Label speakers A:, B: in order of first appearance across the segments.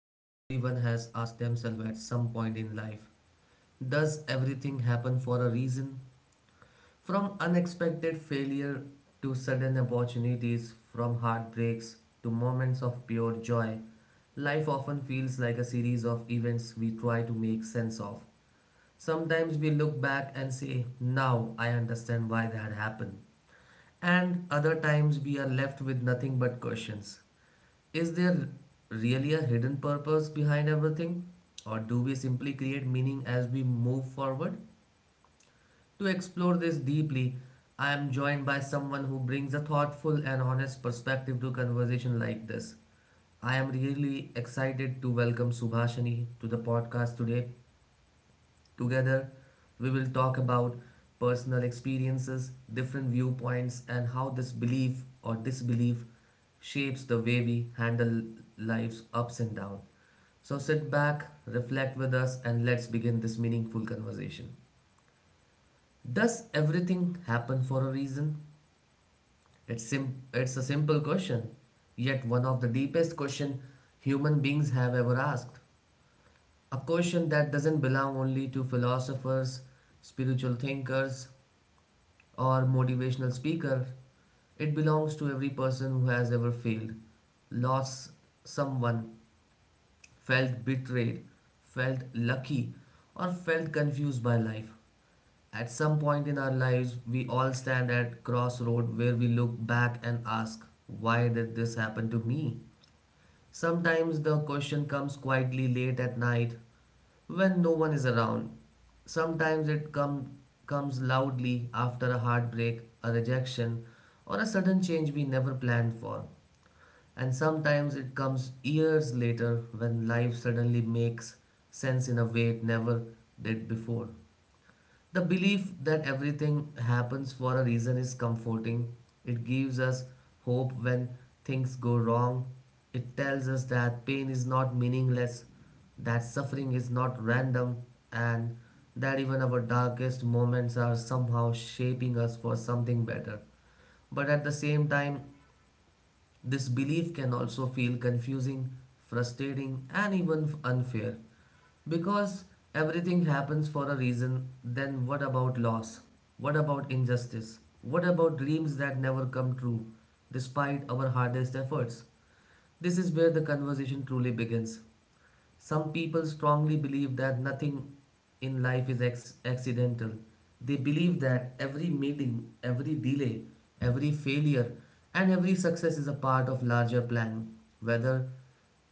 A: everyone has asked themselves at some point in life. Does everything happen for a reason? From unexpected failure to sudden opportunities, from heartbreaks to moments of pure joy, life often feels like a series of events we try to make sense of. Sometimes we look back and say, now I understand why that happened. And other times we are left with nothing but questions. Is there really a hidden purpose behind everything? Or do we simply create meaning as we move forward? To explore this deeply, I am joined by someone who brings a thoughtful and honest perspective to conversation like this. I am really excited to welcome Subhashini to the podcast today. Together, we will talk about personal experiences, different viewpoints, and how this belief or disbelief shapes the way we handle life's ups and downs. So sit back, reflect with us, and let's begin this meaningful conversation. Does everything happen for a reason? It's a simple question, yet one of the deepest question human beings have ever asked. A question that doesn't belong only to philosophers, spiritual thinkers, or motivational speaker. It belongs to every person who has ever failed, lost someone, felt betrayed, felt lucky, or felt confused by life. At some point in our lives, we all stand at crossroad where we look back and ask, why did this happen to me? Sometimes the question comes quietly late at night when no one is around. Sometimes it comes loudly after a heartbreak, a rejection, or a sudden change we never planned for. And sometimes it comes years later when life suddenly makes sense in a way it never did before. The belief that everything happens for a reason is comforting. It gives us hope when things go wrong. It tells us that pain is not meaningless, that suffering is not random, and that even our darkest moments are somehow shaping us for something better. But at the same time, this belief can also feel confusing, frustrating, and even unfair. Because everything happens for a reason, then what about loss? What about injustice? What about dreams that never come true, despite our hardest efforts? This is where the conversation truly begins. Some people strongly believe that nothing in life is accidental. They believe that every meeting, every delay, every failure, and every success is a part of larger plan, whether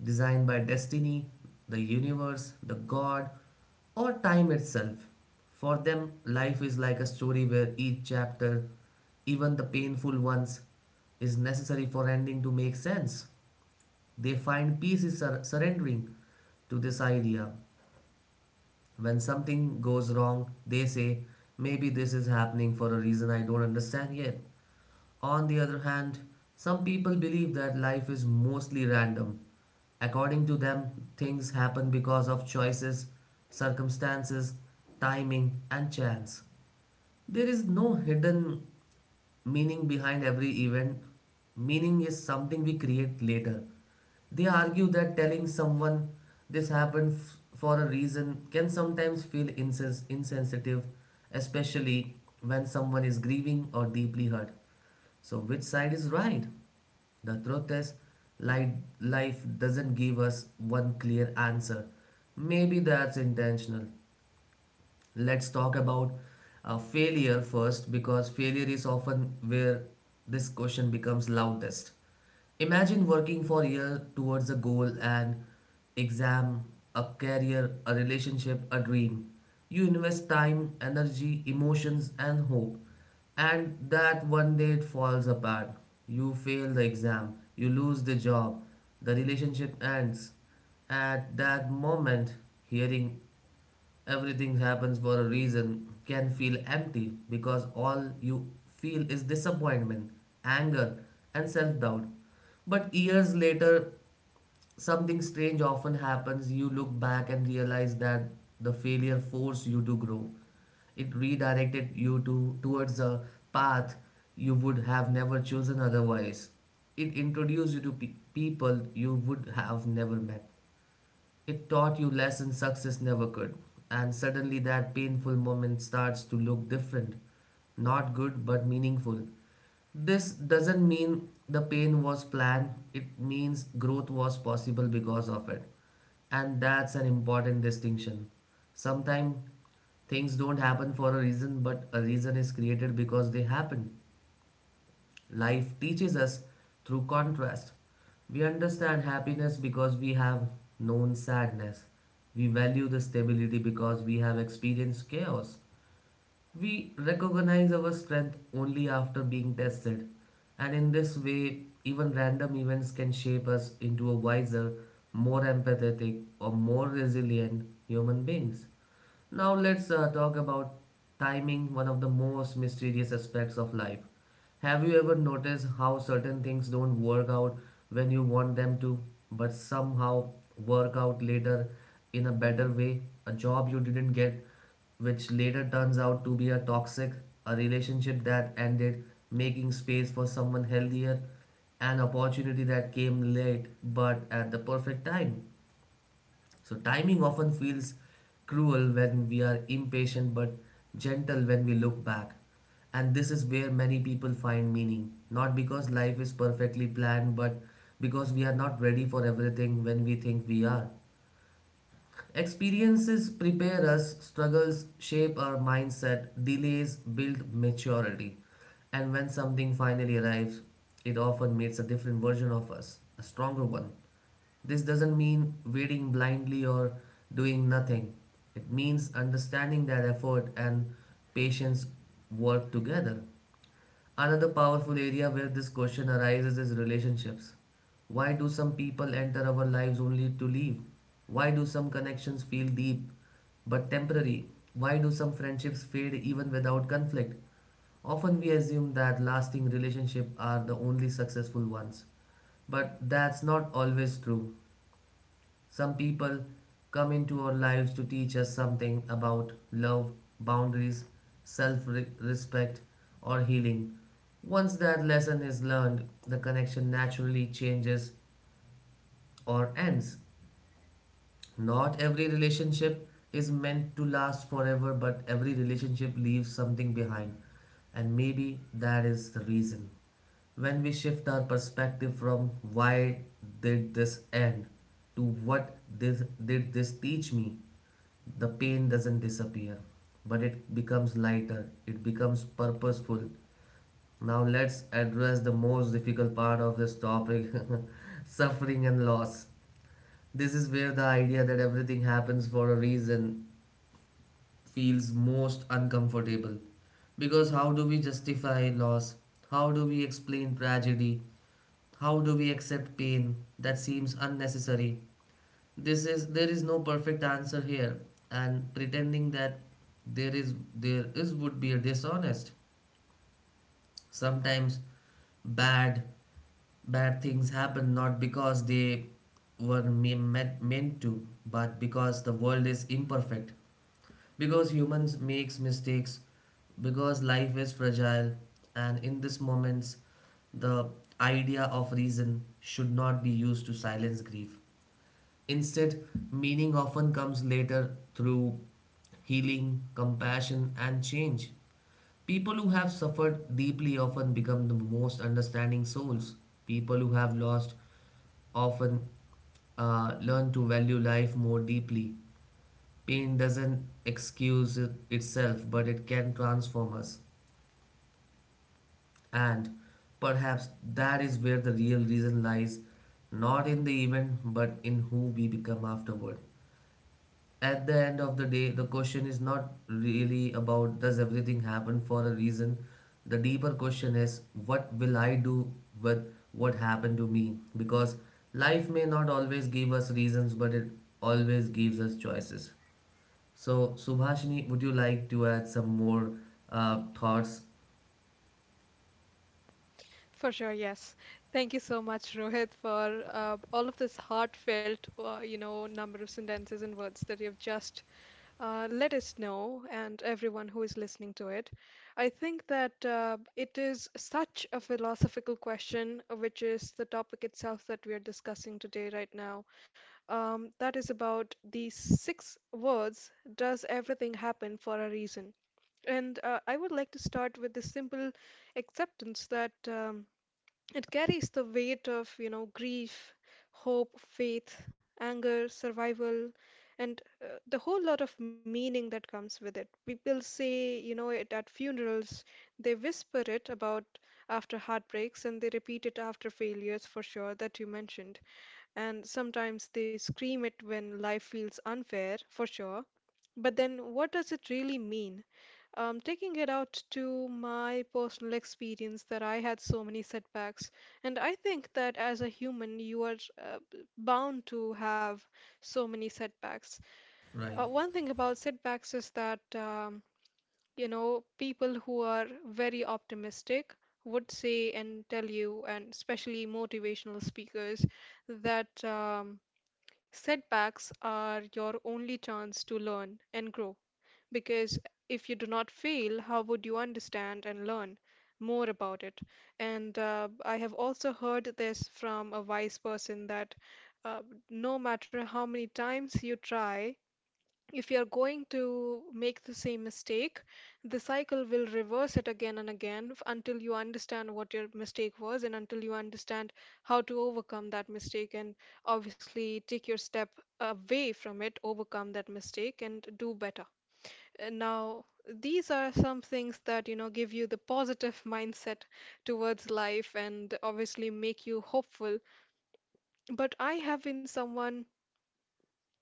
A: designed by destiny, the universe, the god, or time itself. For them, life is like a story where each chapter, even the painful ones, is necessary for ending to make sense. They find peace is surrendering to this idea. When something goes wrong, they say, maybe this is happening for a reason I don't understand yet. On the other hand, some people believe that life is mostly random. According to them, things happen because of choices, circumstances, timing, and chance. There is no hidden meaning behind every event. Meaning is something we create later. They argue that telling someone this happened for a reason can sometimes feel insensitive, especially when someone is grieving or deeply hurt. So, which side is right? The truth is, li- life doesn't give us one clear answer. Maybe that's intentional. Let's talk about failure first because failure is often where this question becomes loudest. Imagine working for a year towards a goal an exam, a career, a relationship, a dream. You invest time, energy, emotions, and hope, and that one day it falls apart. You fail the exam, you lose the job, the relationship ends. At that moment, hearing everything happens for a reason can feel empty because all you feel is disappointment, anger, and self doubt. But years later, something strange often happens. You look back and realize that the failure forced you to grow. It redirected you to towards a path you would have never chosen otherwise. It introduced you to people you would have never met. It taught you lessons success never could. And suddenly that painful moment starts to look different. Not good, but meaningful. This doesn't mean the pain was planned, it means growth was possible because of it. And that's an important distinction. Sometimes things don't happen for a reason, but a reason is created because they happen. Life teaches us through contrast. We understand happiness because we have known sadness. We value the stability because we have experienced chaos. We recognize our strength only after being tested, and in this way, even random events can shape us into a wiser, more empathetic, or more resilient human beings. Now, let's talk about timing, one of the most mysterious aspects of life. Have you ever noticed how certain things don't work out when you want them to, but somehow work out later in a better way? A job you didn't get, which later turns out to be a toxic, a relationship that ended, making space for someone healthier, an opportunity that came late but at the perfect time. So, timing often feels cruel when we are impatient but gentle when we look back. And this is where many people find meaning, not because life is perfectly planned, but because we are not ready for everything when we think we are. Experiences prepare us, struggles shape our mindset, delays build maturity. And when something finally arrives, it often makes a different version of us, a stronger one. This doesn't mean waiting blindly or doing nothing. It means understanding that effort and patience work together. Another powerful area where this question arises is relationships. Why do some people enter our lives only to leave? Why do some connections feel deep but temporary? Why do some friendships fade even without conflict? Often we assume that lasting relationships are the only successful ones, but that's not always true. Some people come into our lives to teach us something about love, boundaries, self respect, or healing. Once that lesson is learned, the connection naturally changes or ends. Not every relationship is meant to last forever, but every relationship leaves something behind. And maybe that is the reason. When we shift our perspective from why did this end to what this did this teach me, the pain doesn't disappear, but it becomes lighter, it becomes purposeful. Now let's address the most difficult part of this topic suffering and loss. This is where the idea that everything happens for a reason feels most uncomfortable. Because how do we justify loss? How do we explain tragedy? How do we accept pain that seems unnecessary? This is There is no perfect answer here, and pretending that there is would be a dishonest. Sometimes bad bad things happen not because they were meant to but because the world is imperfect, because humans makes mistakes, because life is fragile, and in this moments the idea of reason should not be used to silence grief. Instead, meaning often comes later through healing, compassion, and change. People who have suffered deeply often become the most understanding souls. People who have lost often learn to value life more deeply. Pain doesn't excuse itself, but it can transform us. And perhaps that is where the real reason lies, not in the event, but in who we become afterward. At the end of the day, the question is not really about does everything happen for a reason. The deeper question is what will I do with what happened to me? Because life may not always give us reasons, but it always gives us choices. So, Subhashini, would you like to add some more thoughts?
B: For sure, yes. Thank you so much, Rohit, for all of this heartfelt, number of sentences and words that you've just let us know, and everyone who is listening to it. I think that it is such a philosophical question, which is the topic itself that we are discussing today, right now. That is about these six words, does everything happen for a reason? And I would like to start with the simple acceptance that. It carries the weight of, you know, grief, hope, faith, anger, survival, and the whole lot of meaning that comes with it. People say, you know, it at funerals, they whisper it about after heartbreaks, and they repeat it after failures, for sure, that you mentioned. And sometimes they scream it when life feels unfair, for sure. But then what does it really mean? Taking it out to my personal experience that I had so many setbacks, and I think that as a human, you are uh, bound to have so many setbacks.
A: Right.
B: One thing about setbacks is that you know, people who are very optimistic would say and tell you, and especially motivational speakers, that setbacks are your only chance to learn and grow. Because if you do not feel, how would you understand and learn more about it? And I have also heard this from a wise person that uh, no matter how many times you try, if you are going to make the same mistake, the cycle will reverse it again and again until you understand what your mistake was and until you understand how to overcome that mistake and obviously take your step away from it, overcome that mistake, and do better. And now, these are some things that, you know, give you the positive mindset towards life and obviously make you hopeful. But I have been someone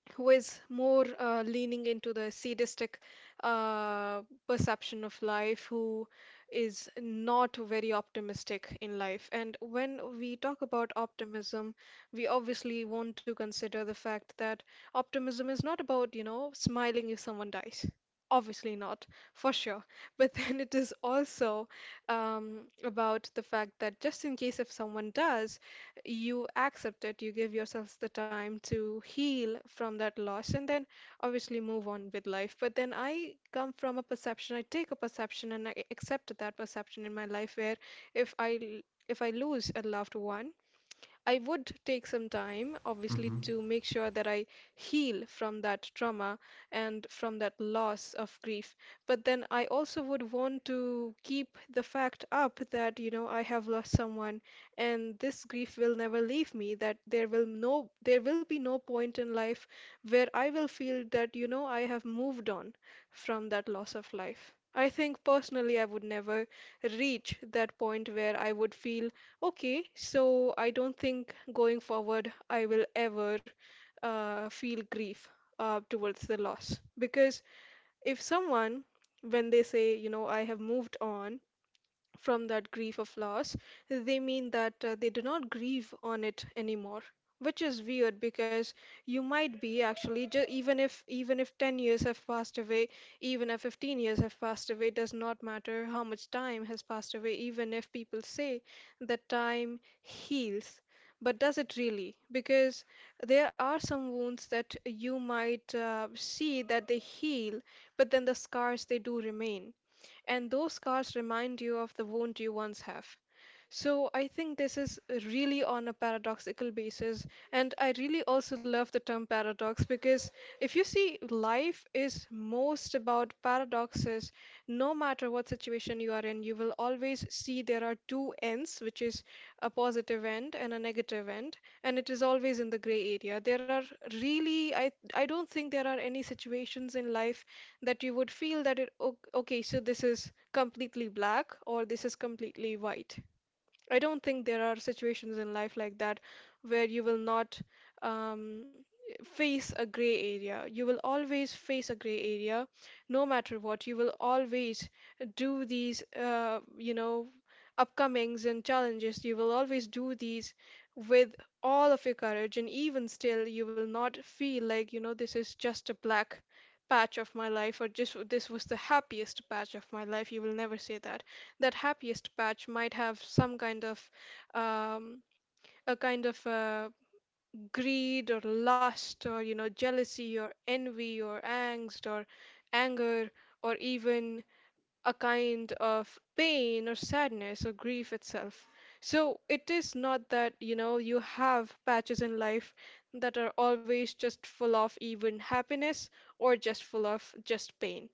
B: who is more leaning into the sadistic uh, perception of life, who is not very optimistic in life. And when we talk about optimism, we obviously want to consider the fact that optimism is not about, you know, smiling if someone dies. Obviously not, for sure. But then it is also about the fact that just in case if someone does, you accept it, you give yourselves the time to heal from that loss, and then obviously move on with life. But then I come from a perception, I take a perception and I accept that perception in my life where if I l- if I lose a loved one, I would take some time, obviously,
A: Mm-hmm.
B: to make sure that I heal from that trauma and from that loss of grief. But then I also would want to keep the fact up that, you know, I have lost someone and this grief will never leave me, that there will be no point in life where I will feel that, you know, I have moved on from that loss of life. I think personally I would never reach that point where I would feel okay, so I don't think going forward I will ever feel grief towards the loss. Because if someone, when they say, you know, I have moved on from that grief of loss, they mean that they do not grieve on it anymore, which is weird because you might be actually even if 10 years have passed away, even if 15 years have passed away, does not matter how much time has passed away, even if people say that time heals. But does it really? Because there are some wounds that you might see that they heal, but then the scars they do remain, and those scars remind you of the wound you once have. So I think this is really on a paradoxical basis. And I really also love the term paradox because if you see, life is most about paradoxes. No matter what situation you are in, you will always see there are two ends, which is a positive end and a negative end, and it is always in the gray area. There are really, I don't think there are any situations in life that you would feel that okay, so this is completely black or this is completely white. I don't think there are situations in life like that where you will not um, face a gray area. You will always face a gray area, no matter what. You will always do these, upcomings and challenges. You will always do these with all of your courage, and even still, you will not feel like, you know, this is just a black patch of my life or just this was the happiest patch of my life. You will never say that. That happiest patch might have some kind of um, a kind of greed or lust or, you know, jealousy or envy or angst or anger or even a kind of pain or sadness or grief itself. So it is not that, you know, you have patches in life that are always just full of even happiness or just full of just pain.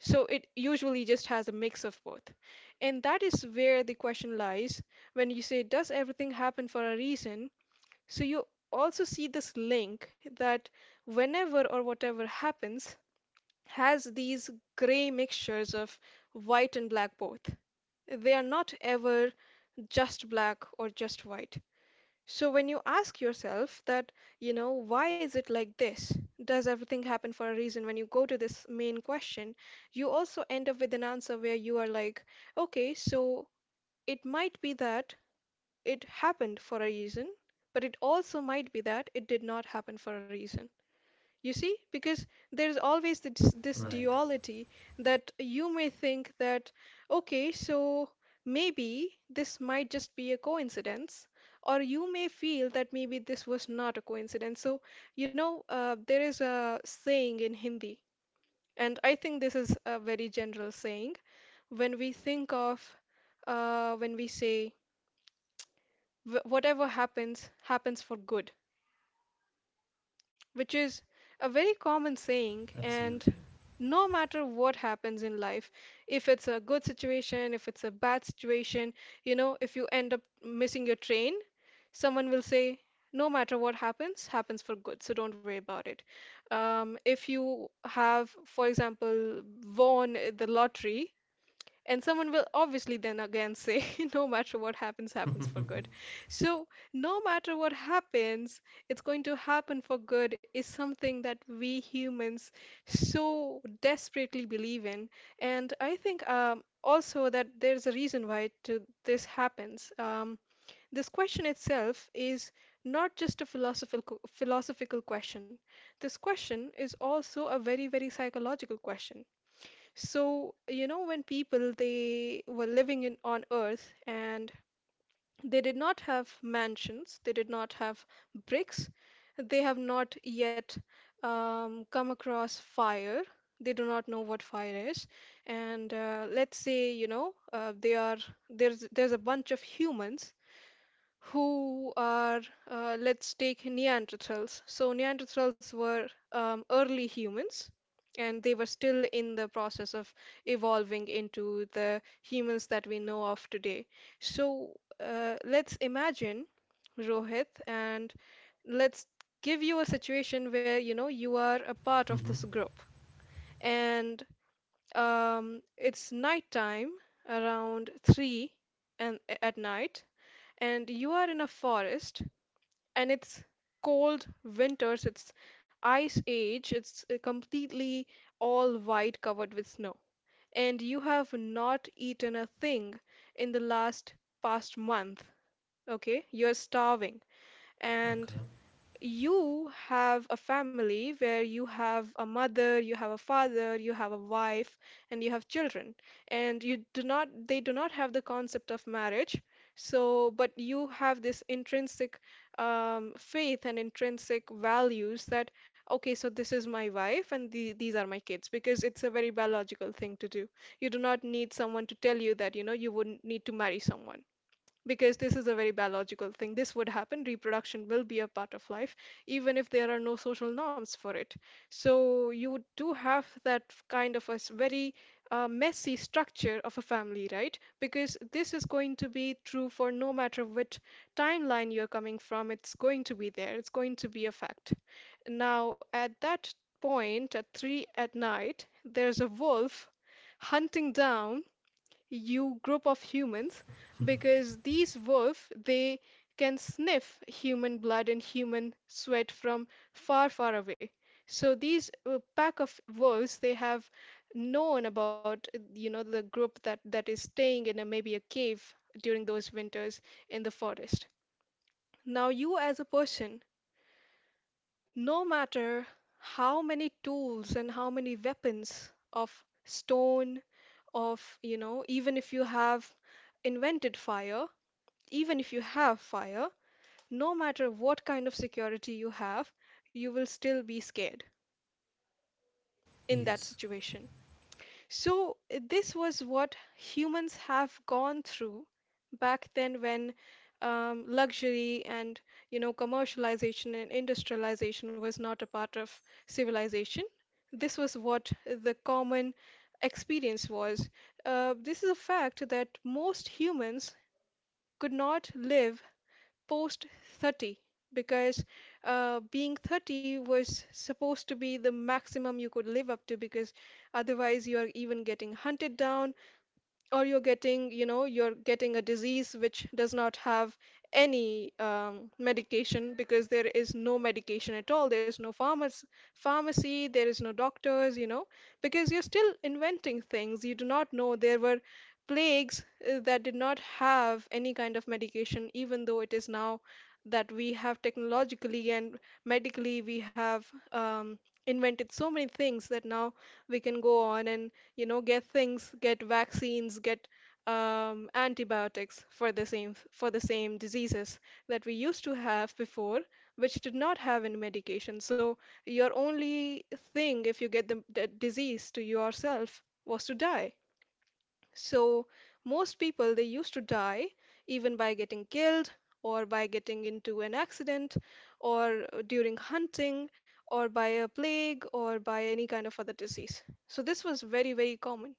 B: So it usually just has a mix of both. And that is where the question lies when you say, does everything happen for a reason? So you also see this link that whenever or whatever happens has these gray mixtures of white and black both. They are not ever just black or just white. So when you ask yourself that, you know, why is it like this? Does everything happen for a reason? When you go to this main question, you also end up with an answer where you are like, okay, so it might be that it happened for a reason, but it also might be that it did not happen for a reason. You see, because there's always the, this
A: Right.
B: duality that you may think that, okay, so maybe this might just be a coincidence, or you may feel that maybe this was not a coincidence. So, you know, there is a saying in Hindi, and I think this is a very general saying. When we think of, when we say, Whatever happens, happens for good," which is a very common saying. And
A: Absolutely.
B: no matter what happens in life, if it's a good situation, if it's a bad situation, you know, if you end up missing your train, someone will say, no matter what happens, happens for good, so don't worry about it. If you have, for example, won the lottery, and someone will obviously then again say, no matter what happens, happens for good. So, no matter what happens, it's going to happen for good is something that we humans so desperately believe in. And I think also that there's a reason why to this happens. This question itself is not just a philosophical question. This question is also a very, very psychological question. So, you know, when people they were living in on Earth and they did not have mansions, they did not have bricks, they have not yet come across fire. They do not know what fire is, and let's say, you know, they are there's a bunch of humans who are, let's take Neanderthals. So, Neanderthals were early humans and they were still in the process of evolving into the humans that we know of today. So, let's imagine, Rohit, and let's give you a situation where you know you are a part of this
A: Mm-hmm.
B: group, and it's nighttime around 3 and at night, and you are in a forest, and it's cold winters, it's ice age, it's completely all white covered with snow. And you have not eaten a thing in the last past month, okay? You're starving.
A: Okay.
B: And you have a family where you have a mother, you have a father, you have a wife, and you have children. And you do not, they do not have the concept of marriage. So, but you have this intrinsic faith and intrinsic values that, okay, so this is my wife and the, these are my kids, because it's a very biological thing to do. You do not need someone to tell you that, you know, you wouldn't need to marry someone because this is a very biological thing. This would happen. Reproduction will be a part of life, even if there are no social norms for it. So you do have that kind of a very messy structure of a family, right? Because this is going to be true for no matter which timeline you're coming from, it's going to be there. It's going to be a fact. Now, at that point, at 3 at night, there's a wolf hunting down you group of humans because these wolf they can sniff human blood and human sweat from far far away. So these pack of wolves, they have known about the group that is staying in a maybe a cave during those winters in the forest. Now you as a person, no matter how many tools and how many weapons of stone, of, you know, even if you have invented fire, even if you have fire, no matter what kind of security you have, you will still be scared in that
A: Yes.
B: situation. So, this was what humans have gone through back then when luxury and you know commercialization and industrialization was not a part of civilization. This was what the common experience was. This is a fact that most humans could not live post 30, because being 30 was supposed to be the maximum you could live up to, because otherwise you are even getting hunted down or you're getting, you know, you're getting a disease which does not have any medication, because there is no medication at all. There's no pharmacy, there is no doctors, you know, because you're still inventing things. You do not know there were plagues that did not have any kind of medication, even though it is now that we have technologically and medically we have um, invented so many things that now we can go on and you know, get things, get vaccines, get antibiotics for the same diseases that we used to have before, which did not have any medication. So your only thing, if you get the disease to yourself, was to die. So most people they used to die, even by getting killed, or by getting into an accident, or during hunting, or by a plague, or by any kind of other disease. So this was very very common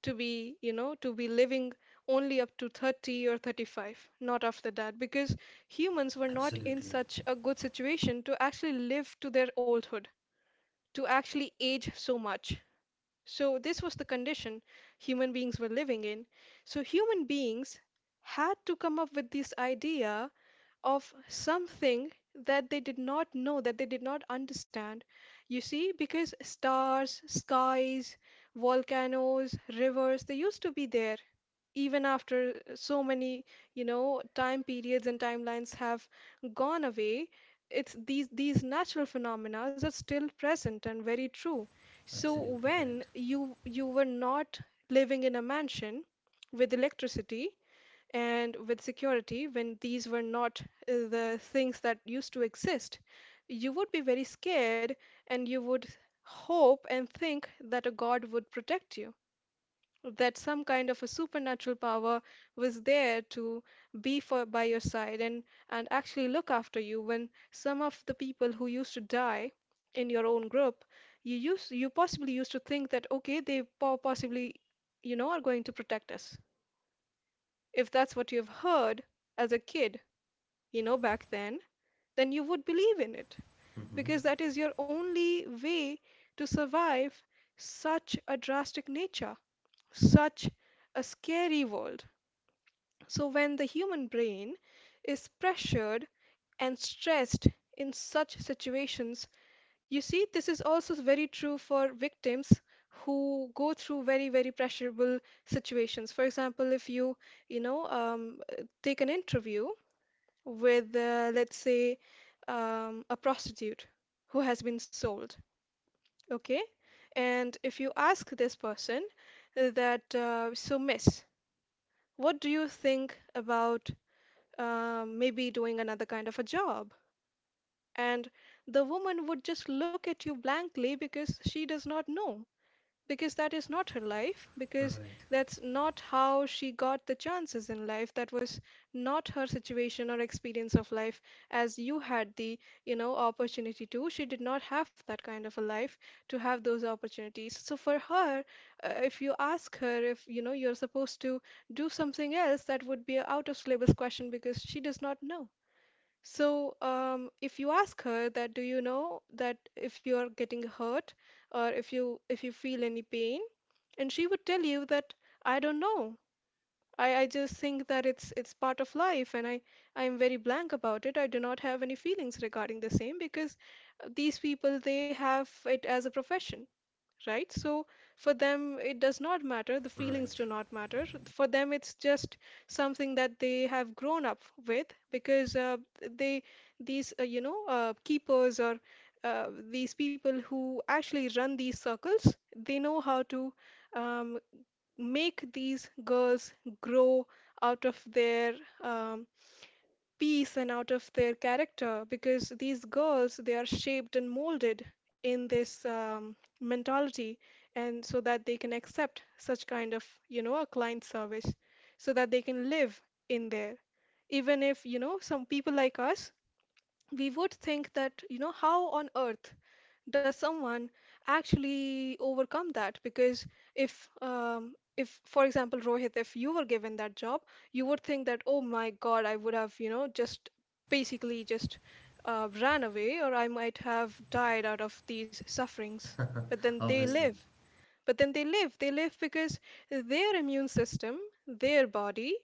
B: to be, you know, to be living only up to 30 or 35, not after that, because humans were not in
A: Absolutely.
B: such a good situation to actually live to their oldhood, to actually age so much. So, this was the condition human beings were living in. So, human beings had to come up with this idea of something that they did not know, that they did not understand. You see, because stars, skies, volcanoes, rivers, they used to be there even after so many, you know, time periods and timelines have gone away, it's these natural phenomena are still present and very true. So
A: Absolutely
B: when
A: correct.
B: you were not living in a mansion with electricity and with security, when these were not the things that used to exist, you would be very scared and you would hope and think that a god would protect you, that some kind of a supernatural power was there to be for by your side and actually look after you. When some of the people who used to die in your own group, you possibly used to think that okay, they possibly, you know, are going to protect us. If that's what you've heard as a kid, you know, back then you would believe in it,
A: Mm-hmm.
B: because that is your only way to survive such a drastic nature, such a scary world. So, when the human brain is pressured and stressed in such situations, you see, this is also very true for victims who go through very, very pressurable situations. For example, if you, take an interview with, let's say, a prostitute who has been sold, okay? And if you ask this person so, miss, what do you think about maybe doing another kind of a job. And the woman would just look at you blankly, because she does not know, because that is not her life, because
A: Right.
B: that's not how she got the chances in life. That was not her situation or experience of life as you had the, you know, opportunity to. She did not have that kind of a life to have those opportunities. So for her, if you ask her if, you know, you're supposed to do something else, that would be an out of syllabus question because she does not know. So, if you ask her that, do you know that if you are getting hurt or if you feel any pain, and she would tell you that I don't know. I just think that it's part of life and I am very blank about it. I do not have any feelings regarding the same, because these people they have it as a profession, right? So for them, it does not matter. The feelings
A: Right.
B: do not matter. For them, it's just something that they have grown up with, because they, these, keepers, or these people who actually run these circles, they know how to um, make these girls grow out of their um, piece and out of their character, because these girls they are shaped and molded in this mentality, and so that they can accept such kind of you know a client service, so that they can live in there. Even if, you know, some people like us, we would think that, you know, how on earth does someone actually overcome that? Because if for example Rohit, if you were given that job, you would think that oh my God, I would have, you know, just basically just ran away, or I might have died out of these sufferings. But then they
A: Obviously.
B: live. They live, because their immune system, their body,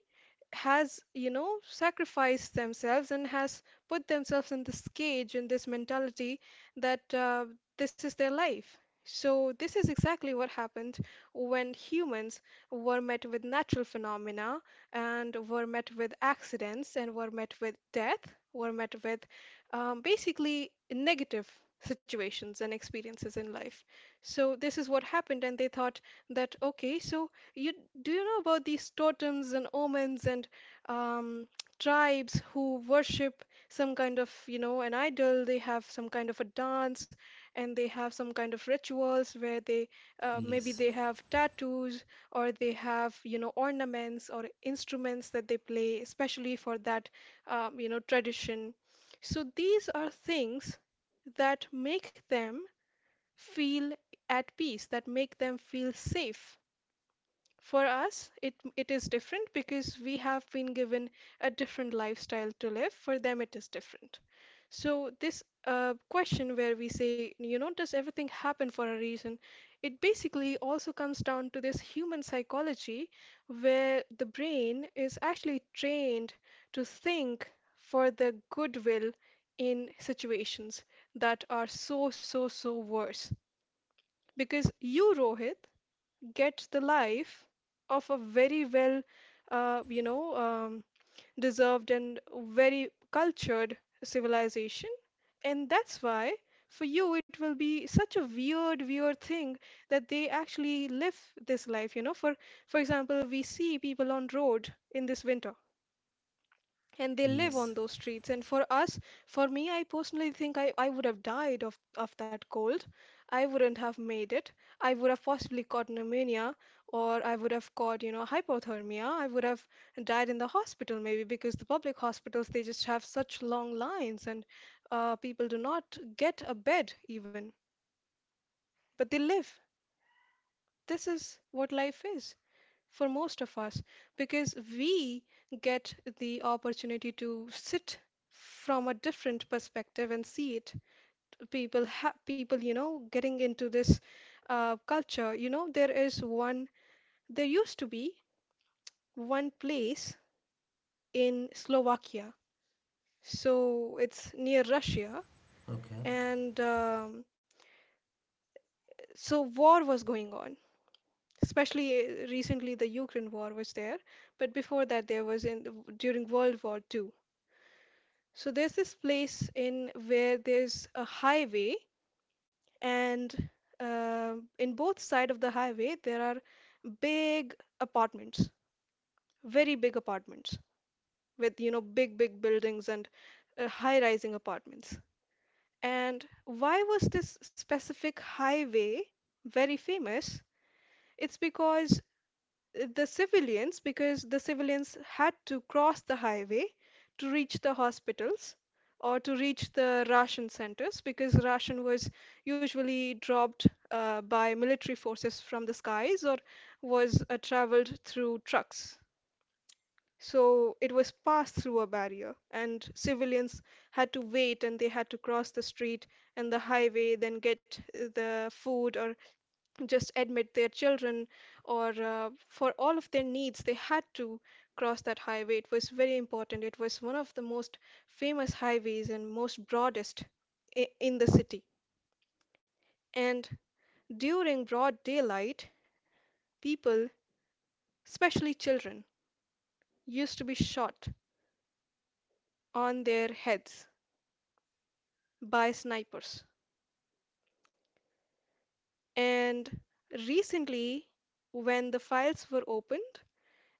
B: has you know sacrificed themselves and has put themselves in this cage, in this mentality, that this is their life. So this is exactly what happened when humans were met with natural phenomena, and were met with accidents, and were met with death, were met with basically negative situations and experiences in life. So this is what happened, and they thought that okay, so, you, do you know about these totems and omens and um, tribes who worship some kind of, you know, an idol? They have some kind of a dance and they have some kind of rituals where they maybe
A: Yes,
B: they have tattoos, or they have, you know, ornaments or instruments that they play, especially for that, you know, tradition. So these are things that make them feel at peace, that make them feel safe. For us, it is different because we have been given a different lifestyle to live. For them, it is different. So, this question where we say, you know, does everything happen for a reason? It basically also comes down to this human psychology, where the brain is actually trained to think for the goodwill in situations that are so, so, so worse. Because you, Rohit, get the life of a very well, uh, you know, um, deserved and very cultured civilization. And that's why for you it will be such a weird, weird thing that they actually live this life, you know. For example, we see people on road in this winter and they live
A: yes,
B: on those streets, and for us, for me, I personally think I would have died of that cold. I wouldn't have made it. I would have possibly caught pneumonia, or I would have caught, you know, hypothermia. I would have died in the hospital maybe, because the public hospitals they just have such long lines and people do not get a bed even. But they live. This is what life is. For most of us, because we get the opportunity to sit from a different perspective and see it. People have, people, you know, getting into this culture. You know, there is one, there used to be one place in Slovakia, so it's near Russia,
A: okay,
B: and so war was going on, especially recently the Ukraine war was there, but before that there was during World War Two. So there's this place in where there's a highway, and in both side of the highway there are big apartments, very big apartments with you know big big buildings and high-rising apartments. And why was this specific highway very famous? It's because the civilians because the civilians had to cross the highway to reach the hospitals or to reach the ration centers, because ration was usually dropped by military forces from the skies, or was traveled through trucks. So it was passed through a barrier, and civilians had to wait and they had to cross the street and the highway, then get the food or just admit their children or for all of their needs they had to cross that highway. It was very important. It was one of the most famous highways and most broadest in the city. And during broad daylight, people, especially children, used to be shot on their heads by snipers. And recently, when the files were opened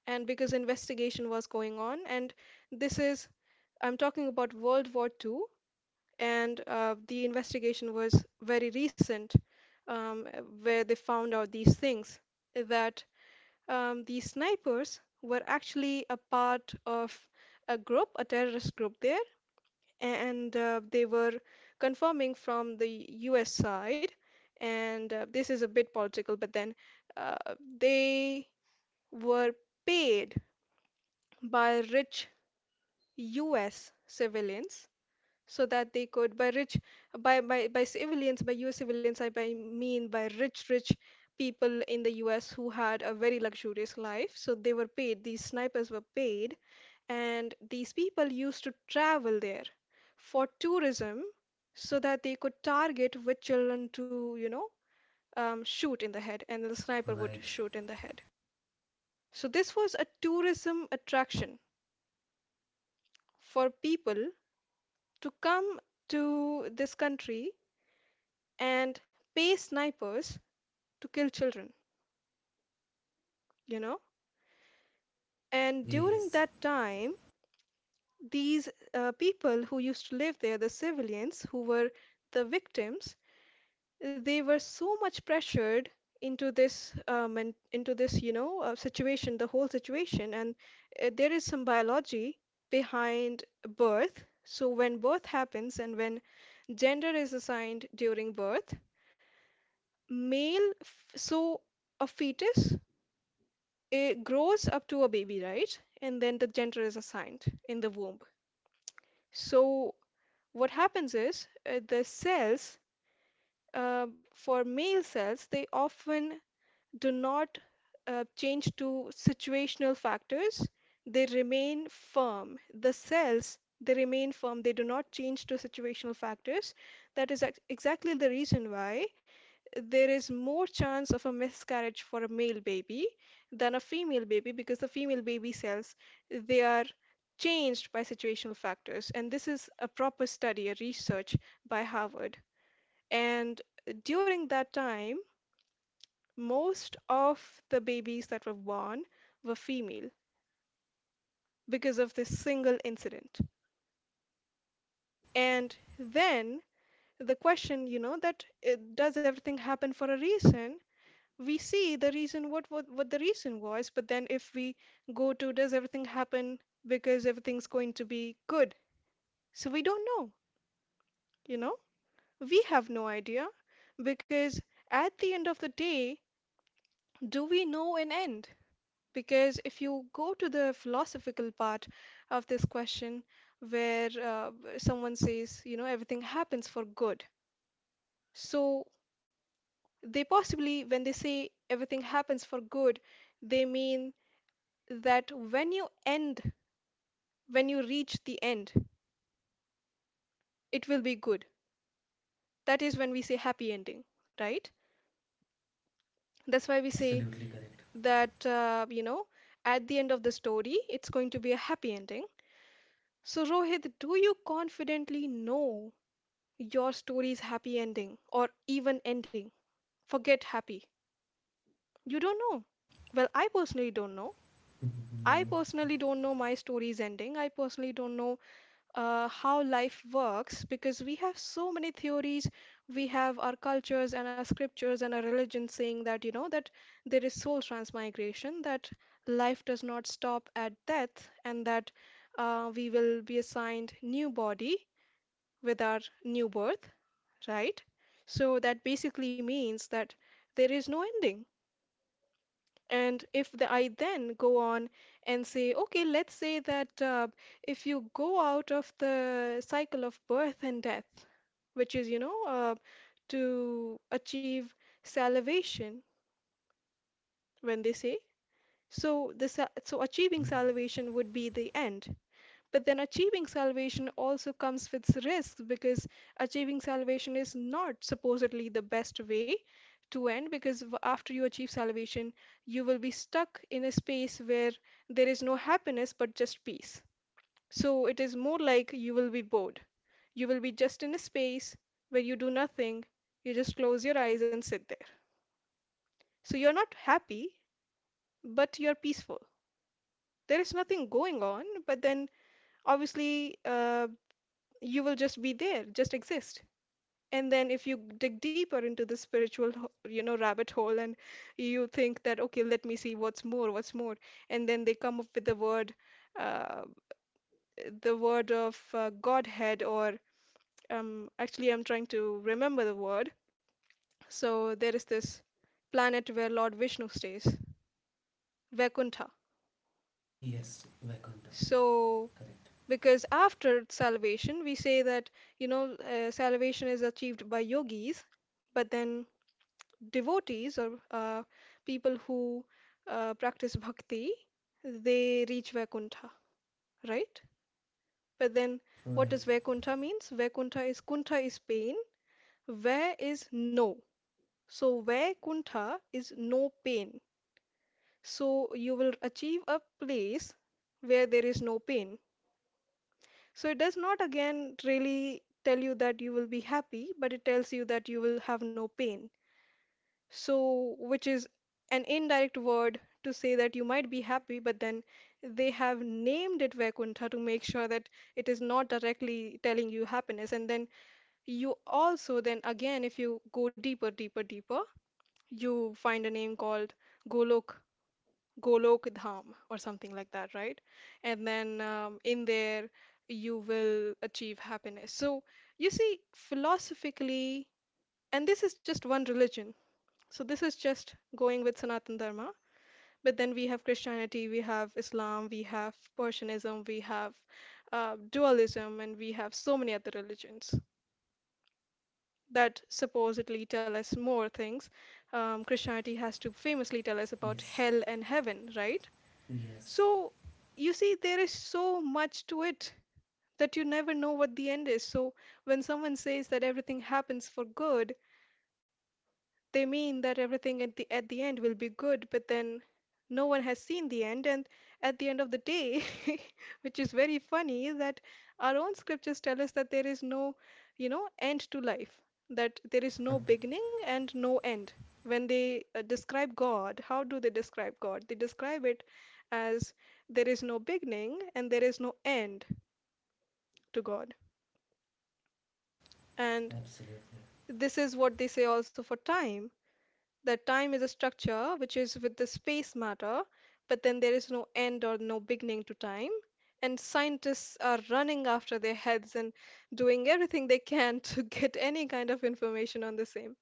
B: and because investigation was going on, and this is, I'm talking about World War II, and the investigation was very recent, where they found out these things that these snipers were actually a part of a group, a terrorist group there. And they were confirming from the US side. And this is a bit political, but then uh, they were paid by rich US civilians so that they could by rich by civilians by US civilians I by mean by rich people in the US who had a very luxurious life. So they were paid, these snipers were paid. And these people used to travel there for tourism so that they could target which children to, you know, shoot in the head, and the sniper would
A: right,
B: shoot in the head. So this was a tourism attraction for people to come to this country and pay snipers to kill children, you know? And during
A: yes,
B: that time, these people who used to live there, the civilians who were the victims, they were so much pressured into this and into this, you know, situation, the whole situation. And there is some biology behind birth. So when birth happens and when gender is assigned during birth, so a fetus, it grows up to a baby, right? And then the gender is assigned in the womb. So what happens is, the cells, for male cells they often do not change to situational factors. They remain firm, the cells, they remain firm, they do not change to situational factors. That is exactly the reason why there is more chance of a miscarriage for a male baby than a female baby, because the female baby cells, they are changed by situational factors. And this is a proper study, a research by Harvard. And during that time, most of the babies that were born were female because of this single incident. And then the question, you know, that does everything happen for a reason? We see the reason, what the reason was, but then if we go to, does everything happen because everything's going to be good? So we don't know, you know, we have no idea. Because at the end of the day, do we know an end? Because if you go to the philosophical part of this question, where someone says, you know, everything happens for good, so they possibly, when they say everything happens for good, they mean that when you end, when you reach the end, it will be good. That is when we say happy ending, right? That's why we say
A: absolutely correct.
B: that, you know, at the end of the story, it's going to be a happy ending. So, Rohit, do you confidently know your story's happy ending or even ending? Forget happy. You don't know. Well, I personally don't know. I
A: No.
B: personally don't know my story's ending. I personally don't know how life works, because we have so many theories. We have our cultures and our scriptures and our religion saying that, you know, that there is soul transmigration, that life does not stop at death, and that we will be assigned new body with our new birth, right? So that basically means that there is no ending. And if the, I then go on and say, okay, let's say that if you go out of the cycle of birth and death, which is, you know, to achieve salvation, when they say, so the so achieving
A: Mhm.
B: salvation would be the end. But then achieving salvation also comes with risks, because achieving salvation is not supposedly the best way to end, because after you achieve salvation, you will be stuck in a space where there is no happiness but just peace. So it is more like you will be bored. You will be just in a space where you do nothing, you just close your eyes and sit there. So you're not happy, but you're peaceful. There is nothing going on, but then obviously, you will just be there, just exist. And then if you dig deeper into the spiritual, you know, rabbit hole, and you think that, okay, let me see what's more, what's more. And then they come up with uh, the word of Godhead, or actually, I'm trying to remember the word. So there is this planet where Lord Vishnu stays, Vaikuntha.
A: Yes, Vaikuntha,
B: So
A: correct,
B: because after salvation, we say that, you know, salvation is achieved by yogis, but then devotees or people who practice bhakti, they reach Vaikuntha, right? But then what does
A: right,
B: Vaikuntha means? Vaikuntha is, Kuntha is pain, where is no. So Vaikuntha is no pain. So you will achieve a place where there is no pain. So it does not again really tell you that you will be happy, but it tells you that you will have no pain. So, which is an indirect word to say that you might be happy, but then they have named it Vaikuntha to make sure that it is not directly telling you happiness. And then you also, then again, if you go deeper, deeper, deeper, you find a name called Golok, Golok Dham, or something like that, right? And then in there, you will achieve happiness. So, you see, philosophically, and this is just one religion, so this is just going with Sanatan Dharma. But then we have Christianity, we have Islam, we have Persianism, we have dualism, and we have so many other religions that supposedly tell us more things. Christianity has to famously tell us about
A: yes,
B: hell and heaven, right?
A: yes,
B: So you see, there is so much to it that you never know what the end is. So when someone says that everything happens for good, they mean that everything at the end will be good, but then no one has seen the end, and at the end of the day, which is very funny, is that our own scriptures tell us that there is no, you know, end to life, that there is no beginning and no end. When they describe God, how do they describe God? They describe it as there is no beginning and there is no end to God. And
A: absolutely,
B: this is what they say also for time. That time is a structure which is with the space matter, but then there is no end or no beginning to time. And scientists are running after their heads and doing everything they can to get any kind of information on the same.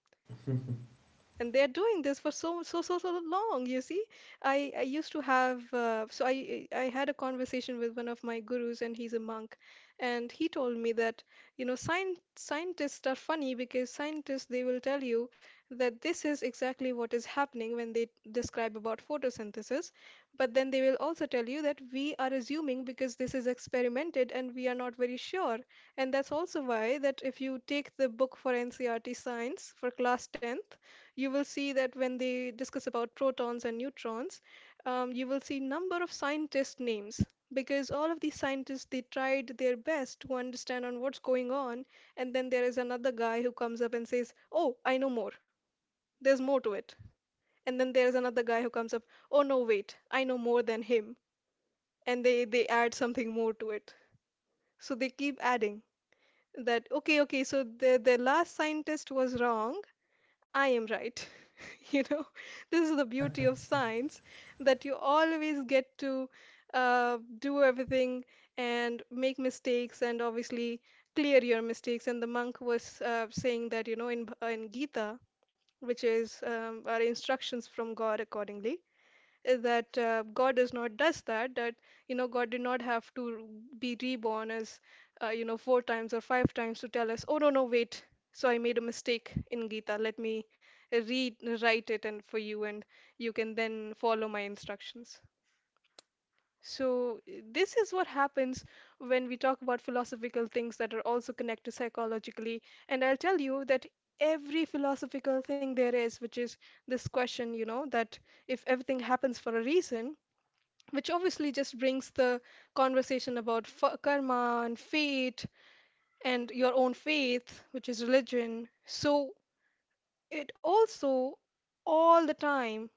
B: And they're doing this for so so so so long, you see, I used to have so I had a conversation with one of my gurus, and he's a monk. And he told me that, you know, scientists are funny, because scientists, they will tell you that this is exactly what is happening when they describe about photosynthesis, but then they will also tell you that we are assuming because this is experimented and we are not very sure. And that's also why that if you take the book for NCRT science for class 10th, you will see that when they discuss about protons and neutrons, you will see number of scientist names, because all of these scientists, they tried their best to understand on what's going on. And then there is another guy who comes up and says, "Oh, I know more. There's more to it." And then there is another guy who comes up, "Oh no, wait, I know more than him," and they add something more to it. So they keep adding that. Okay, okay. So the last scientist was wrong. I am right. You know, this is the beauty of science that you always get to do everything and make mistakes and obviously clear your mistakes. And the monk was saying that, in, in Gita, which is our instructions from God accordingly, is that God does not does that that you know God did not have to be reborn as four times or five times to tell us, "Oh, no, no, wait, so I made a mistake in Gita, let me rewrite it and for you, and you can then follow my instructions." So this is what happens when we talk about philosophical things that are also connected psychologically. And I'll tell you that every philosophical thing there is, which is this question that if everything happens for a reason, which obviously just brings the conversation about karma and fate and your own faith, which is religion. So it also, all the time,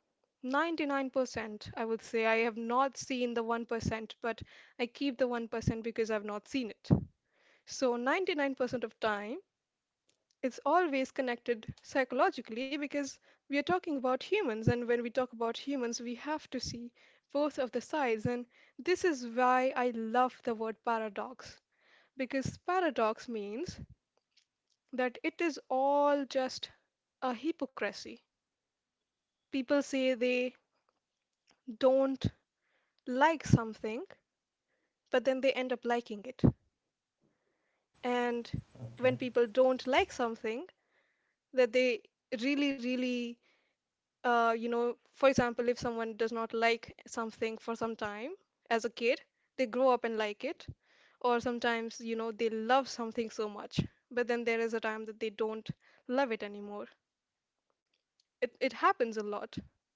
B: 99%, I would say, I have not seen the 1%, but I keep the 1% because I've not seen it. So 99% of time, it's always connected psychologically because we are talking about humans, and when we talk about humans, we have to see both of the sides. And this is why I love the word paradox, because paradox means that it is all just a hypocrisy. People say they don't like something, but then they end up liking it. And
A: okay,
B: when people don't like something that they really, really for example, if someone does not like something for some time as a kid, they grow up and like it. Or sometimes, you know, they love something so much, but then there is a time that they don't love it anymore. It happens a lot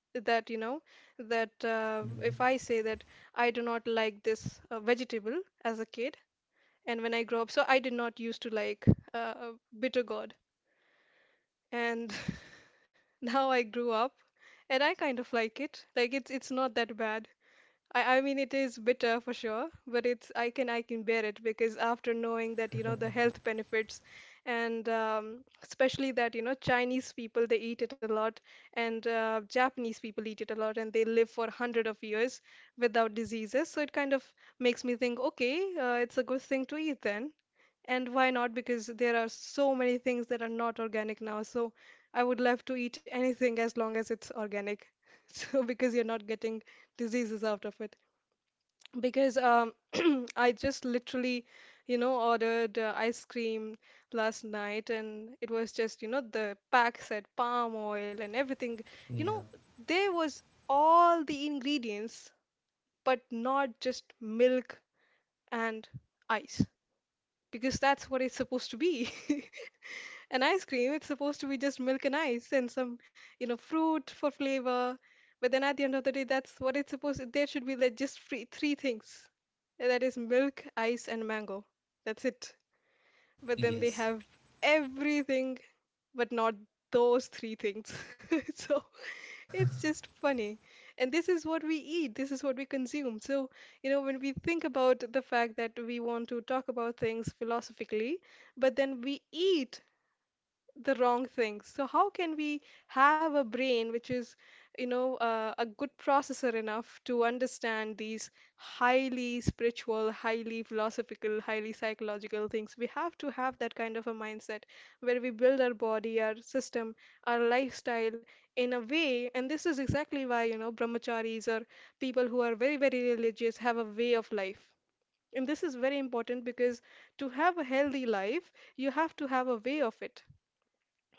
B: that, you know, that if
A: hmm,
B: I say that I do not like this vegetable as a kid, and when I grow up, so I did not used to like uh, bitter gourd. And now I grew up and I kind of like it. Like it's not that bad. I mean it is bitter for sure, but it's I can bear it because after knowing that the health benefits and especially that Chinese people they eat it a lot and Japanese people eat it a lot and they live for 100 of years without diseases. So it kind of makes me think, okay, it's a good thing to eat then. And why not? Because there are so many things that are not organic now. So I would love to eat anything as long as it's organic. So because you're not getting diseases out of it. Because I just literally, ordered ice cream last night, and it was just, the pack said palm oil and everything. You
A: yeah,
B: know, there was all the ingredients, but not just milk and ice. Because that's what it's supposed to be. An ice cream. It's supposed to be just milk and ice and some, you know, fruit for flavor. But then at the end of the day, that's what it's supposed. There should be like just three things. And that is milk, ice, and mango. That's it. But then they
A: yes,
B: have everything, but not those three things. So it's just funny. And this is what we eat, this is what we consume. So, you know, when we think about the fact that we want to talk about things philosophically, but then we eat the wrong things. So how can we have a brain which is, a good processor enough to understand these highly spiritual, highly philosophical, highly psychological things? We have to have that kind of a mindset where we build our body, our system, our lifestyle in a way, and this is exactly why, you know, brahmacharis or people who are very, very religious have a way of life. And this is very important because to have a healthy life, you have to have a way of it.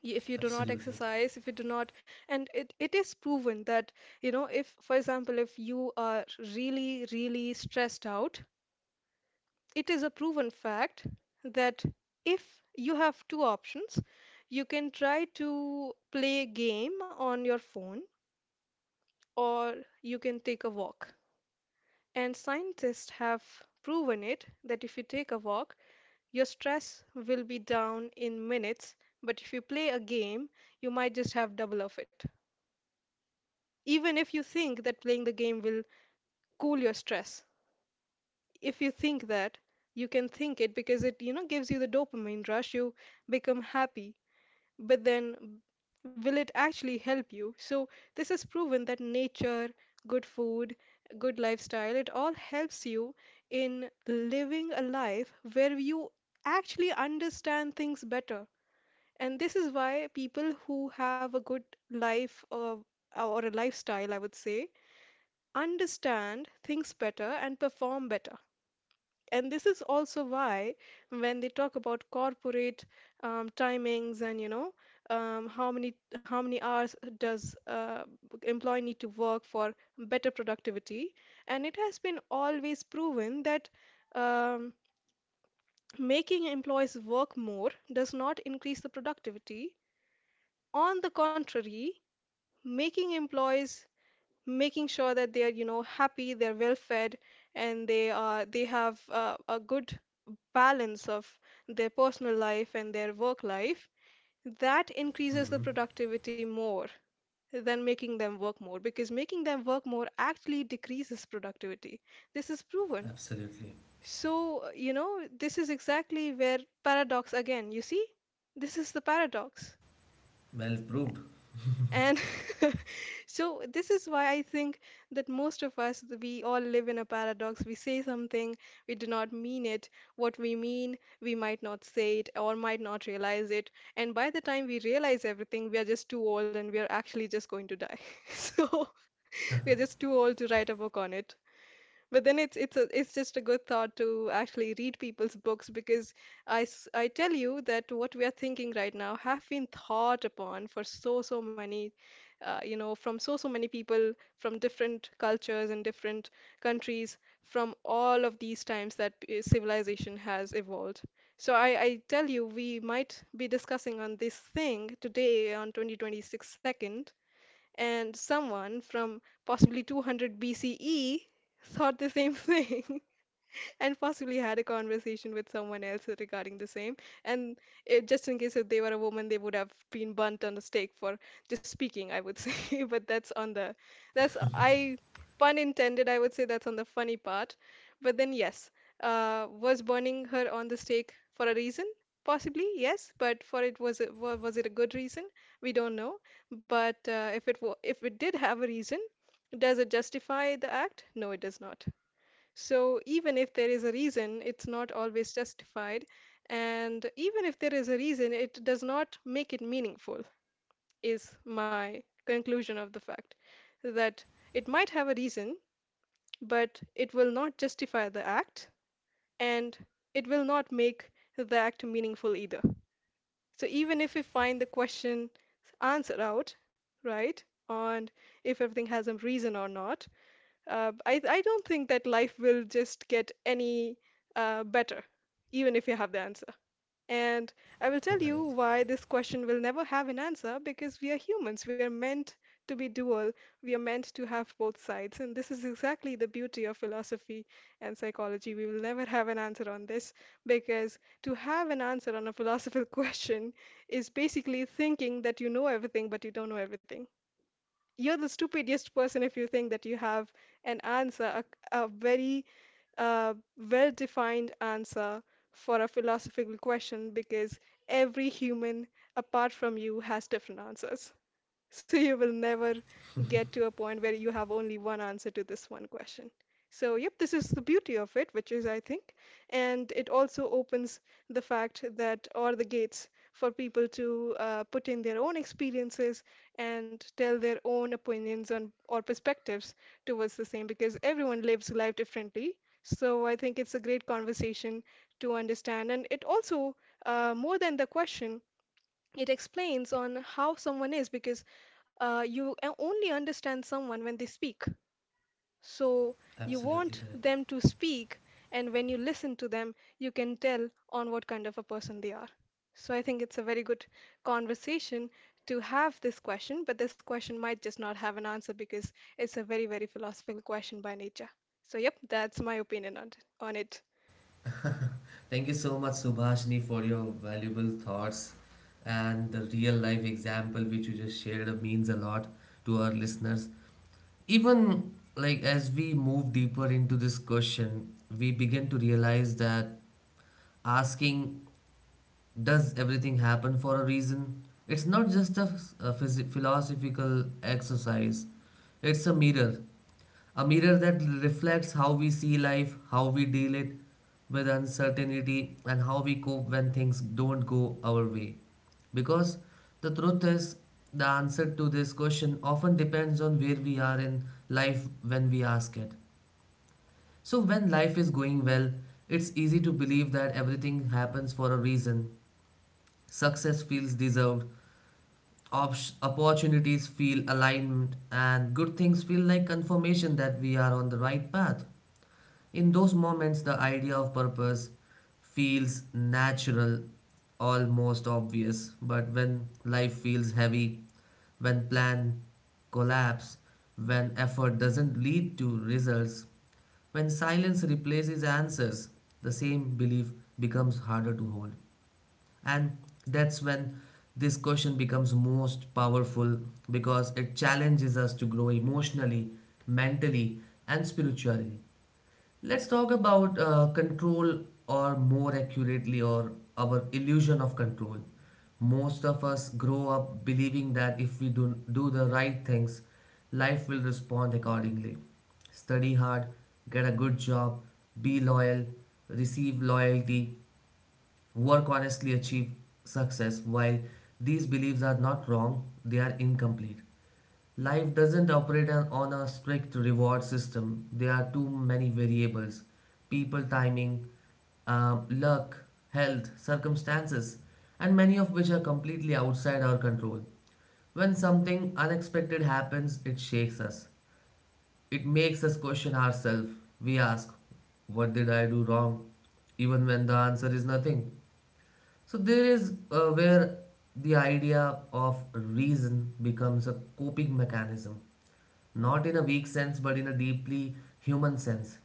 B: If you do not
A: absolutely,
B: exercise, if you do not, and it is proven that if for example if you are really, really stressed out, it is a proven fact that if you have two options, you can try to play a game on your phone, or you can take a walk, and scientists have proven it that if you take a walk, your stress will be down in minutes, but if you play a game you might just have double of it. Even if you think that playing the game will cool your stress, if you think that, you can think it because it, you know, gives you the dopamine rush, you become happy. But then, will it actually help you? So, this is proven that nature, good food, good lifestyle, it all helps you in living a life where you actually understand things better. And this is why people who have a good life or a lifestyle, I would say, understand things better and perform better. And this is also why when they talk about corporate timings and how many hours does employee need to work for better productivity, and it has been always proven that um, making employees work more does not increase the productivity. On the contrary, making employees making sure that they are, you know, happy, they're well fed, and they have a good balance of their personal life and their work life, that increases the
A: hmm,
B: productivity more than making them work more, because making them work more actually decreases productivity. This is proven.
A: absolutely,
B: So, you know, this is exactly where paradox again, you see? This is the paradox.
A: well proved,
B: And so, this is why I think that most of us, we all live in a paradox. We say something, we do not mean it. What we mean, we might not say it or might not realize it. And by the time we realize everything, we are just too old and we are actually just going to die. So, we are just too old to write a book on it. But then it's just a good thought to actually read people's books, because I tell you that what we are thinking right now have been thought upon for so, so many, from so, so many people from different cultures and different countries from all of these times that civilization has evolved. So I tell you, we might be discussing on this thing today on 2026 second, and someone from possibly 200 BCE thought the same thing and possibly had a conversation with someone else regarding the same. And just in case if they were a woman, they would have been burnt on the stake for just speaking, I would say. But that's on the, that's, I, pun intended, I would say that's on the funny part. But then, yes, was burning her on the stake for a reason? Possibly, yes, but for it was it wa- was it a good reason? We don't know. But if it did have a reason, does it justify the act? No, it does not. So, even if there is a reason, it's not always justified. And even if there is a reason, it does not make it meaningful, is my conclusion of the fact. That it might have a reason, but it will not justify the act, and it will not make the act meaningful either. So, even if we find the question answer out, right, on if everything has a reason or not, I don't think that life will just get any better, even if you have the answer. And I will tell you
A: right,
B: why this question will never have an answer: because we are humans. We are meant to be dual. We are meant to have both sides. And this is exactly the beauty of philosophy and psychology. We will never have an answer on this, because to have an answer on a philosophical question is basically thinking that you know everything, but you don't know everything. You're the stupidest person if you think that you have an answer, a very uh, well-defined answer for a philosophical question, because every human apart from you has different answers. So you will never get to a point where you have only one answer to this one question. So, yep, this is the beauty of it, which is, I think, and it also opens the fact that, or the gates for people to put in their own experiences and tell their own opinions on, or perspectives towards the same, because everyone lives life differently. So, I think it's a great conversation to understand. And it also, more than the question, it explains on how someone is, because you only understand someone when they speak, so you
A: absolutely
B: want
A: correct.
B: them to speak, and when you listen to them you can tell on what kind of a person they are. So I think it's a very good conversation to have this question, but this question might just not have an answer because it's a very, very philosophical question by nature. So, yep, that's my opinion on it.
A: Thank you so much, Subhashni, for your valuable thoughts and the real life example which you just shared means a lot to our listeners. Even like as we move deeper into this question, we begin to realize that asking, does everything happen for a reason? It's not just a philosophical exercise, it's a mirror, a mirror that reflects how we see life, how we deal it with uncertainty, and how we cope when things don't go our way. Because the truth is, the answer to this question often depends on where we are in life when we ask it. So, when life is going well, it's easy to believe that everything happens for a reason. Success feels deserved, opportunities feel aligned, and good things feel like confirmation that we are on the right path. In those moments, the idea of purpose feels natural, almost obvious. But when life feels heavy, when plan collapse, when effort doesn't lead to results, when silence replaces answers, the same belief becomes harder to hold. And that's when this question becomes most powerful, because it challenges us to grow emotionally, mentally, and spiritually. Let's talk about control, or more accurately, or our illusion of control. Most of us grow up believing that if we do the right things, life will respond accordingly. Study hard, get a good job, be loyal, receive loyalty, work honestly, achieve success. While these beliefs are not wrong, they are incomplete. Life doesn't operate on a strict reward system. There are too many variables: people, timing, luck, health, circumstances, and many of which are completely outside our control. When something unexpected happens, it shakes us. It makes us question ourselves. We ask, "What did I do wrong?" even when the answer is nothing. So, there is where the idea of reason becomes a coping mechanism, not in a weak sense but in a deeply human sense.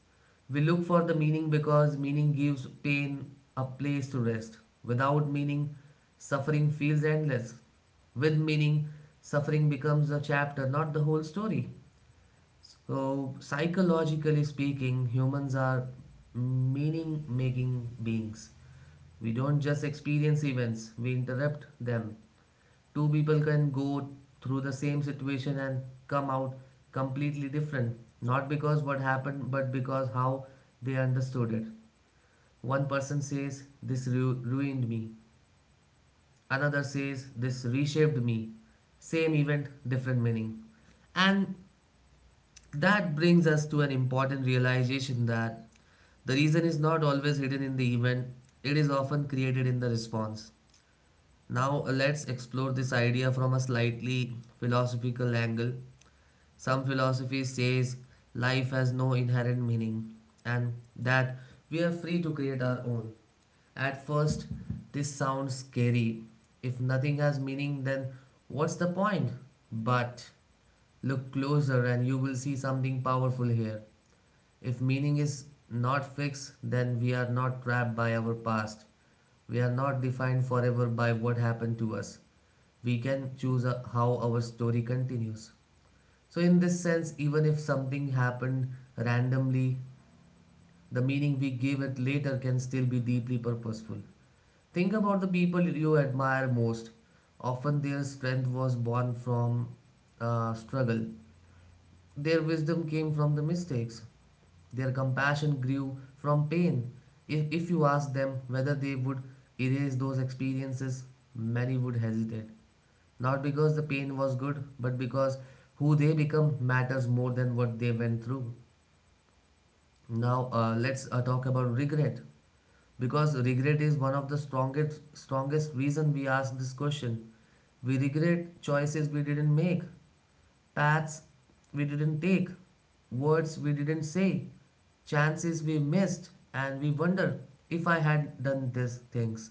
A: We look for the meaning because meaning gives pain a place to rest. Without meaning, suffering feels endless. With meaning, suffering becomes a chapter, not the whole story. So, psychologically speaking, humans are meaning making beings. We don't just experience events, we interrupt them. Two people can go through the same situation and come out completely different, not because what happened but because how they understood it. One person says, This ruined me," another says, "This reshaped me." Same event, different meaning. And that brings us to an important realization, that the reason is not always hidden in the event, it is often created in the response. Now, let's explore this idea from a slightly philosophical angle. Some philosophy says life has no inherent meaning, and that we are free to create our own. At first, this sounds scary. If nothing has meaning, then what's the point? But look closer and you will see something powerful here. If meaning is not fixed, then we are not trapped by our past. We are not defined forever by what happened to us. We can choose how our story continues. So, in this sense, even if something happened randomly, the meaning we give it later can still be deeply purposeful. Think about the people you admire most. Often their strength was born from struggle, their wisdom came from the mistakes, their compassion grew from pain. If you ask them whether they would erase those experiences, many would hesitate. Not because the pain was good, but because who they become matters more than what they went through. Now let's talk about regret, because regret is one of the strongest reason we ask this question. We regret choices we didn't make, paths we didn't take, words we didn't say, chances we missed, and we wonder, if I had done these things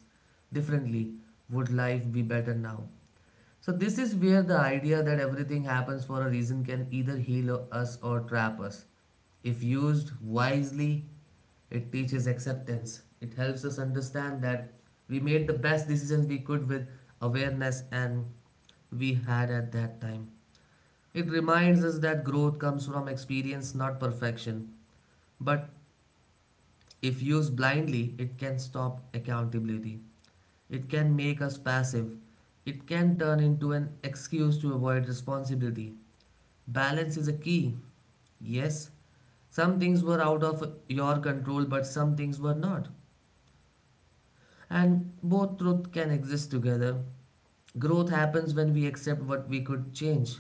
A: differently, would life be better now? So this is where the idea that everything happens for a reason can either heal us or trap us. If used wisely, it teaches acceptance. It helps us understand that we made the best decisions we could with awareness and we had at that time. It reminds us that growth comes from experience, not perfection. But if used blindly, it can stop accountability. It can make us passive. It can turn into an excuse to avoid responsibility. Balance is a key. Yes, some things were out of your control, but some things were not. And both truth can exist together. Growth happens when we accept what we could change,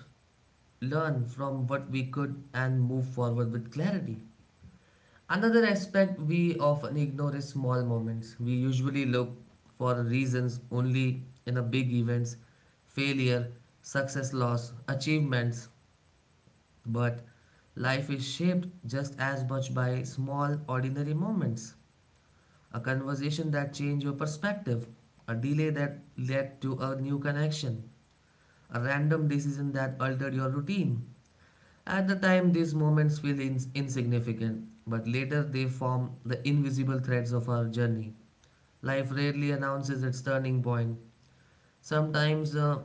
A: learn from what we could, and move forward with clarity. Another aspect we often ignore is small moments. We usually look for reasons only in a big events, failure, success, loss, achievements, but life is shaped just as much by small ordinary moments. A conversation that changed your perspective, a delay that led to a new connection, a random decision that altered your routine. At the time, these moments feel insignificant, but later they form the invisible threads of our journey. Life rarely announces its turning point. Sometimes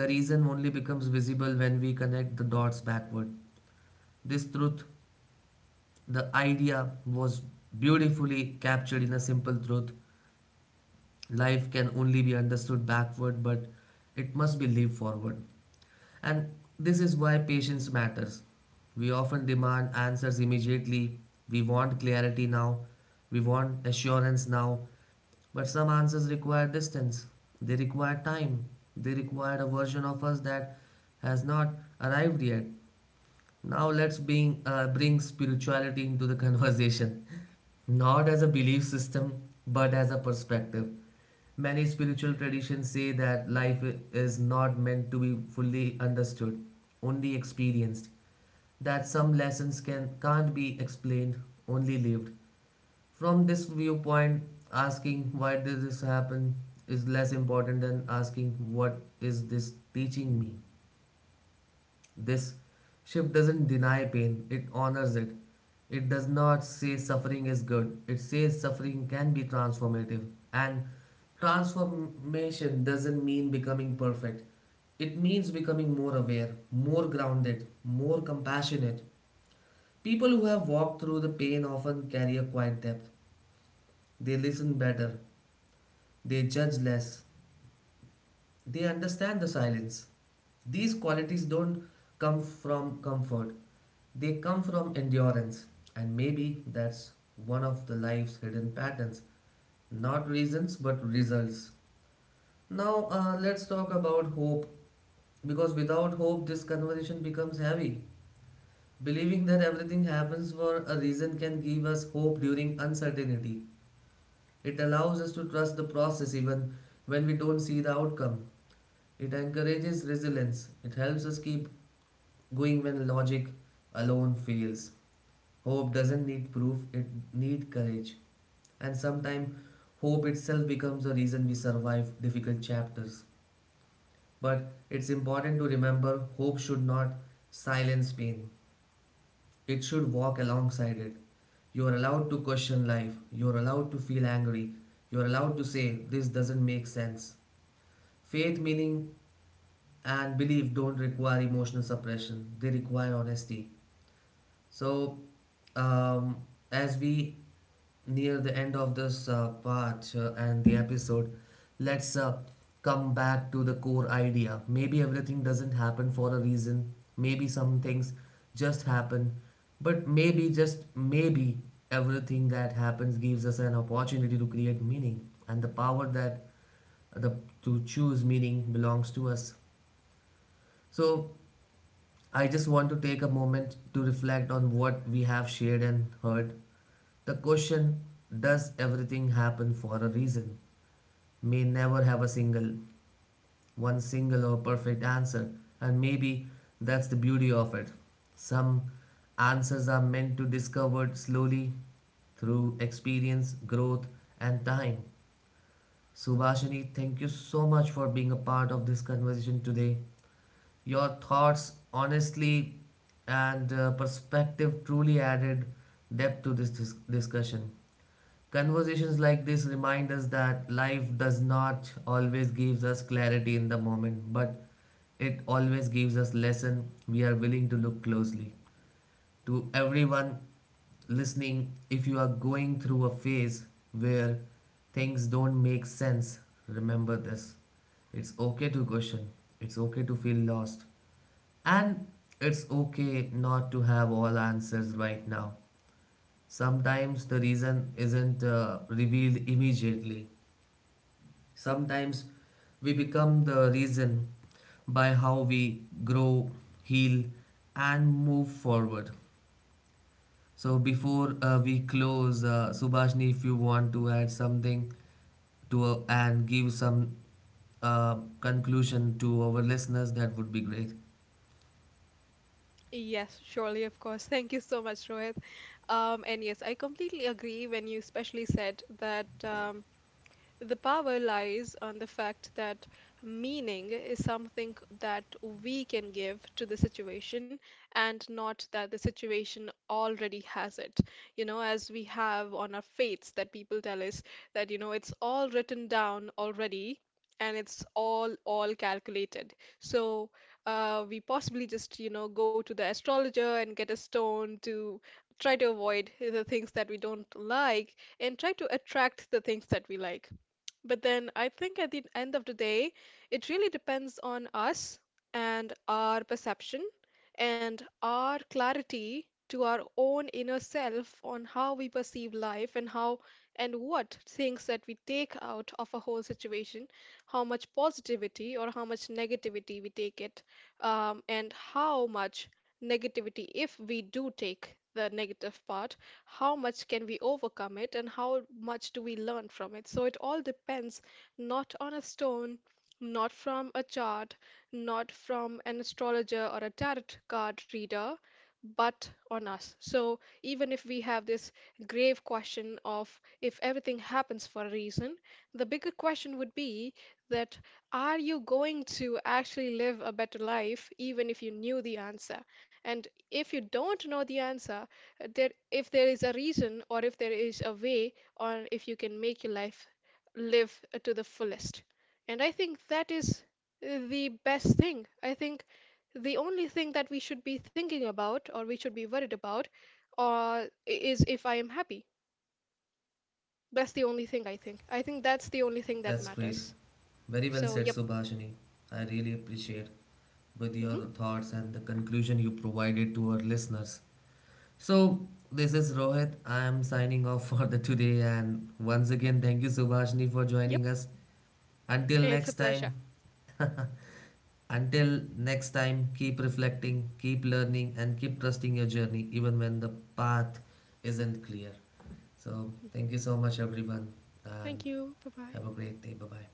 A: the reason only becomes visible when we connect the dots backward. This truth, the idea, was beautifully captured in a simple truth: life can only be understood backward, but it must be lived forward. And this is why patience matters. We often demand answers immediately. We want clarity now, we want assurance now, but some answers require distance, they require time, they require a version of us that has not arrived yet. Now let's bring spirituality into the conversation, not as a belief system but as a perspective. Many spiritual traditions say that life is not meant to be fully understood, only experienced, that some lessons can't be explained, only lived. From this viewpoint, asking why did this happen is less important than asking what is this teaching me. This shift doesn't deny pain, it honors it. It does not say suffering is good, it says suffering can be transformative. And transformation doesn't mean becoming perfect, it means becoming more aware, more grounded, more compassionate. People who have walked through the pain often carry a quiet depth. They listen better, they judge less, they understand the silence. These qualities don't come from comfort, they come from endurance. And maybe that's one of the life's hidden patterns, not reasons, but results. Now, let's talk about hope, because without hope, this conversation becomes heavy. Believing that everything happens for a reason can give us hope during uncertainty. It allows us to trust the process even when we don't see the outcome. It encourages resilience. It helps us keep going when logic alone fails. Hope doesn't need proof, it needs courage. And sometimes hope itself becomes a reason we survive difficult chapters. But it's important to remember hope should not silence pain. It should walk alongside it. You are allowed to question life. You are allowed to feel angry. You are allowed to say, "This doesn't make sense." Faith, meaning and belief don't require emotional suppression, they require honesty. So um, as we near the end of this part and the episode, let's come back to the core idea: maybe everything doesn't happen for a reason, maybe some things just happen, but maybe, just maybe, everything that happens gives us an opportunity to create meaning, and the power that the to choose meaning belongs to us. So I just want to take a moment to reflect on what we have shared and heard. The question, does everything happen for a reason, may never have a single, one single or perfect answer, and maybe that's the beauty of it. Some answers are meant to be discovered slowly, through experience, growth, and time. Subhashini, thank you so much for being a part of this conversation today. Your thoughts, honestly, and perspective truly added depth to this discussion. Conversations like this remind us that life does not always gives us clarity in the moment, but it always gives us lesson we are willing to look closely. To everyone listening, if you are going through a phase where things don't make sense, remember this. It's okay to question. It's okay to feel lost. And it's okay not to have all answers right now. Sometimes the reason isn't revealed immediately. Sometimes we become the reason by how we grow, heal, and move forward. So, before we close, Subhashni, if you want to add something to and give some conclusion to our listeners, that would be great.
B: Yes, surely, of course. Thank you so much, Rohit. And yes, I completely agree when you especially said that. The power lies on the fact that meaning is something that we can give to the situation and not that the situation already has it. You know, as we have on our faiths that people tell us that, you know, it's all written down already and it's all calculated. So we possibly just, you know, go to the astrologer and get a stone to try to avoid the things that we don't like and try to attract the things that we like. But then I think at the end of the day, it really depends on us and our perception and our clarity to our own inner self on how we perceive life and how and what things that we take out of a whole situation, how much positivity or how much negativity we take it, and how much negativity, if we do take the negative part, how much can we overcome it and how much do we learn from it. So it all depends not on a stone, not from a chart, not from an astrologer or a tarot card reader, but on us. So even if we have this grave question of if everything happens for a reason, the bigger question would be that, are you going to actually live a better life even if you knew the answer? And if you don't know the answer, there, if there is a reason or if there is a way or if you can make your life live to the fullest. And I think that is the best thing. I think the only thing that we should be thinking about or we should be worried about is if I am happy. That's the only thing, I think. That's the only thing that
A: That's great.
B: matters.
A: Very well
B: So,
A: said,
B: yep.
A: Subhashini. I really appreciate with your
B: Hmm.
A: thoughts and the conclusion you provided to our listeners. So this is Rohit. I am signing off for the today, and once again thank you Subhashni for
B: Yep.
A: joining us. Until
B: It's a
A: next
B: pleasure.
A: time. Until next time, keep reflecting, keep learning and keep trusting your journey even when the path isn't clear. So
B: Mhm.
A: thank you so much everyone, and
B: Thank you, bye
A: have a
B: bye.
A: great day. Bye bye.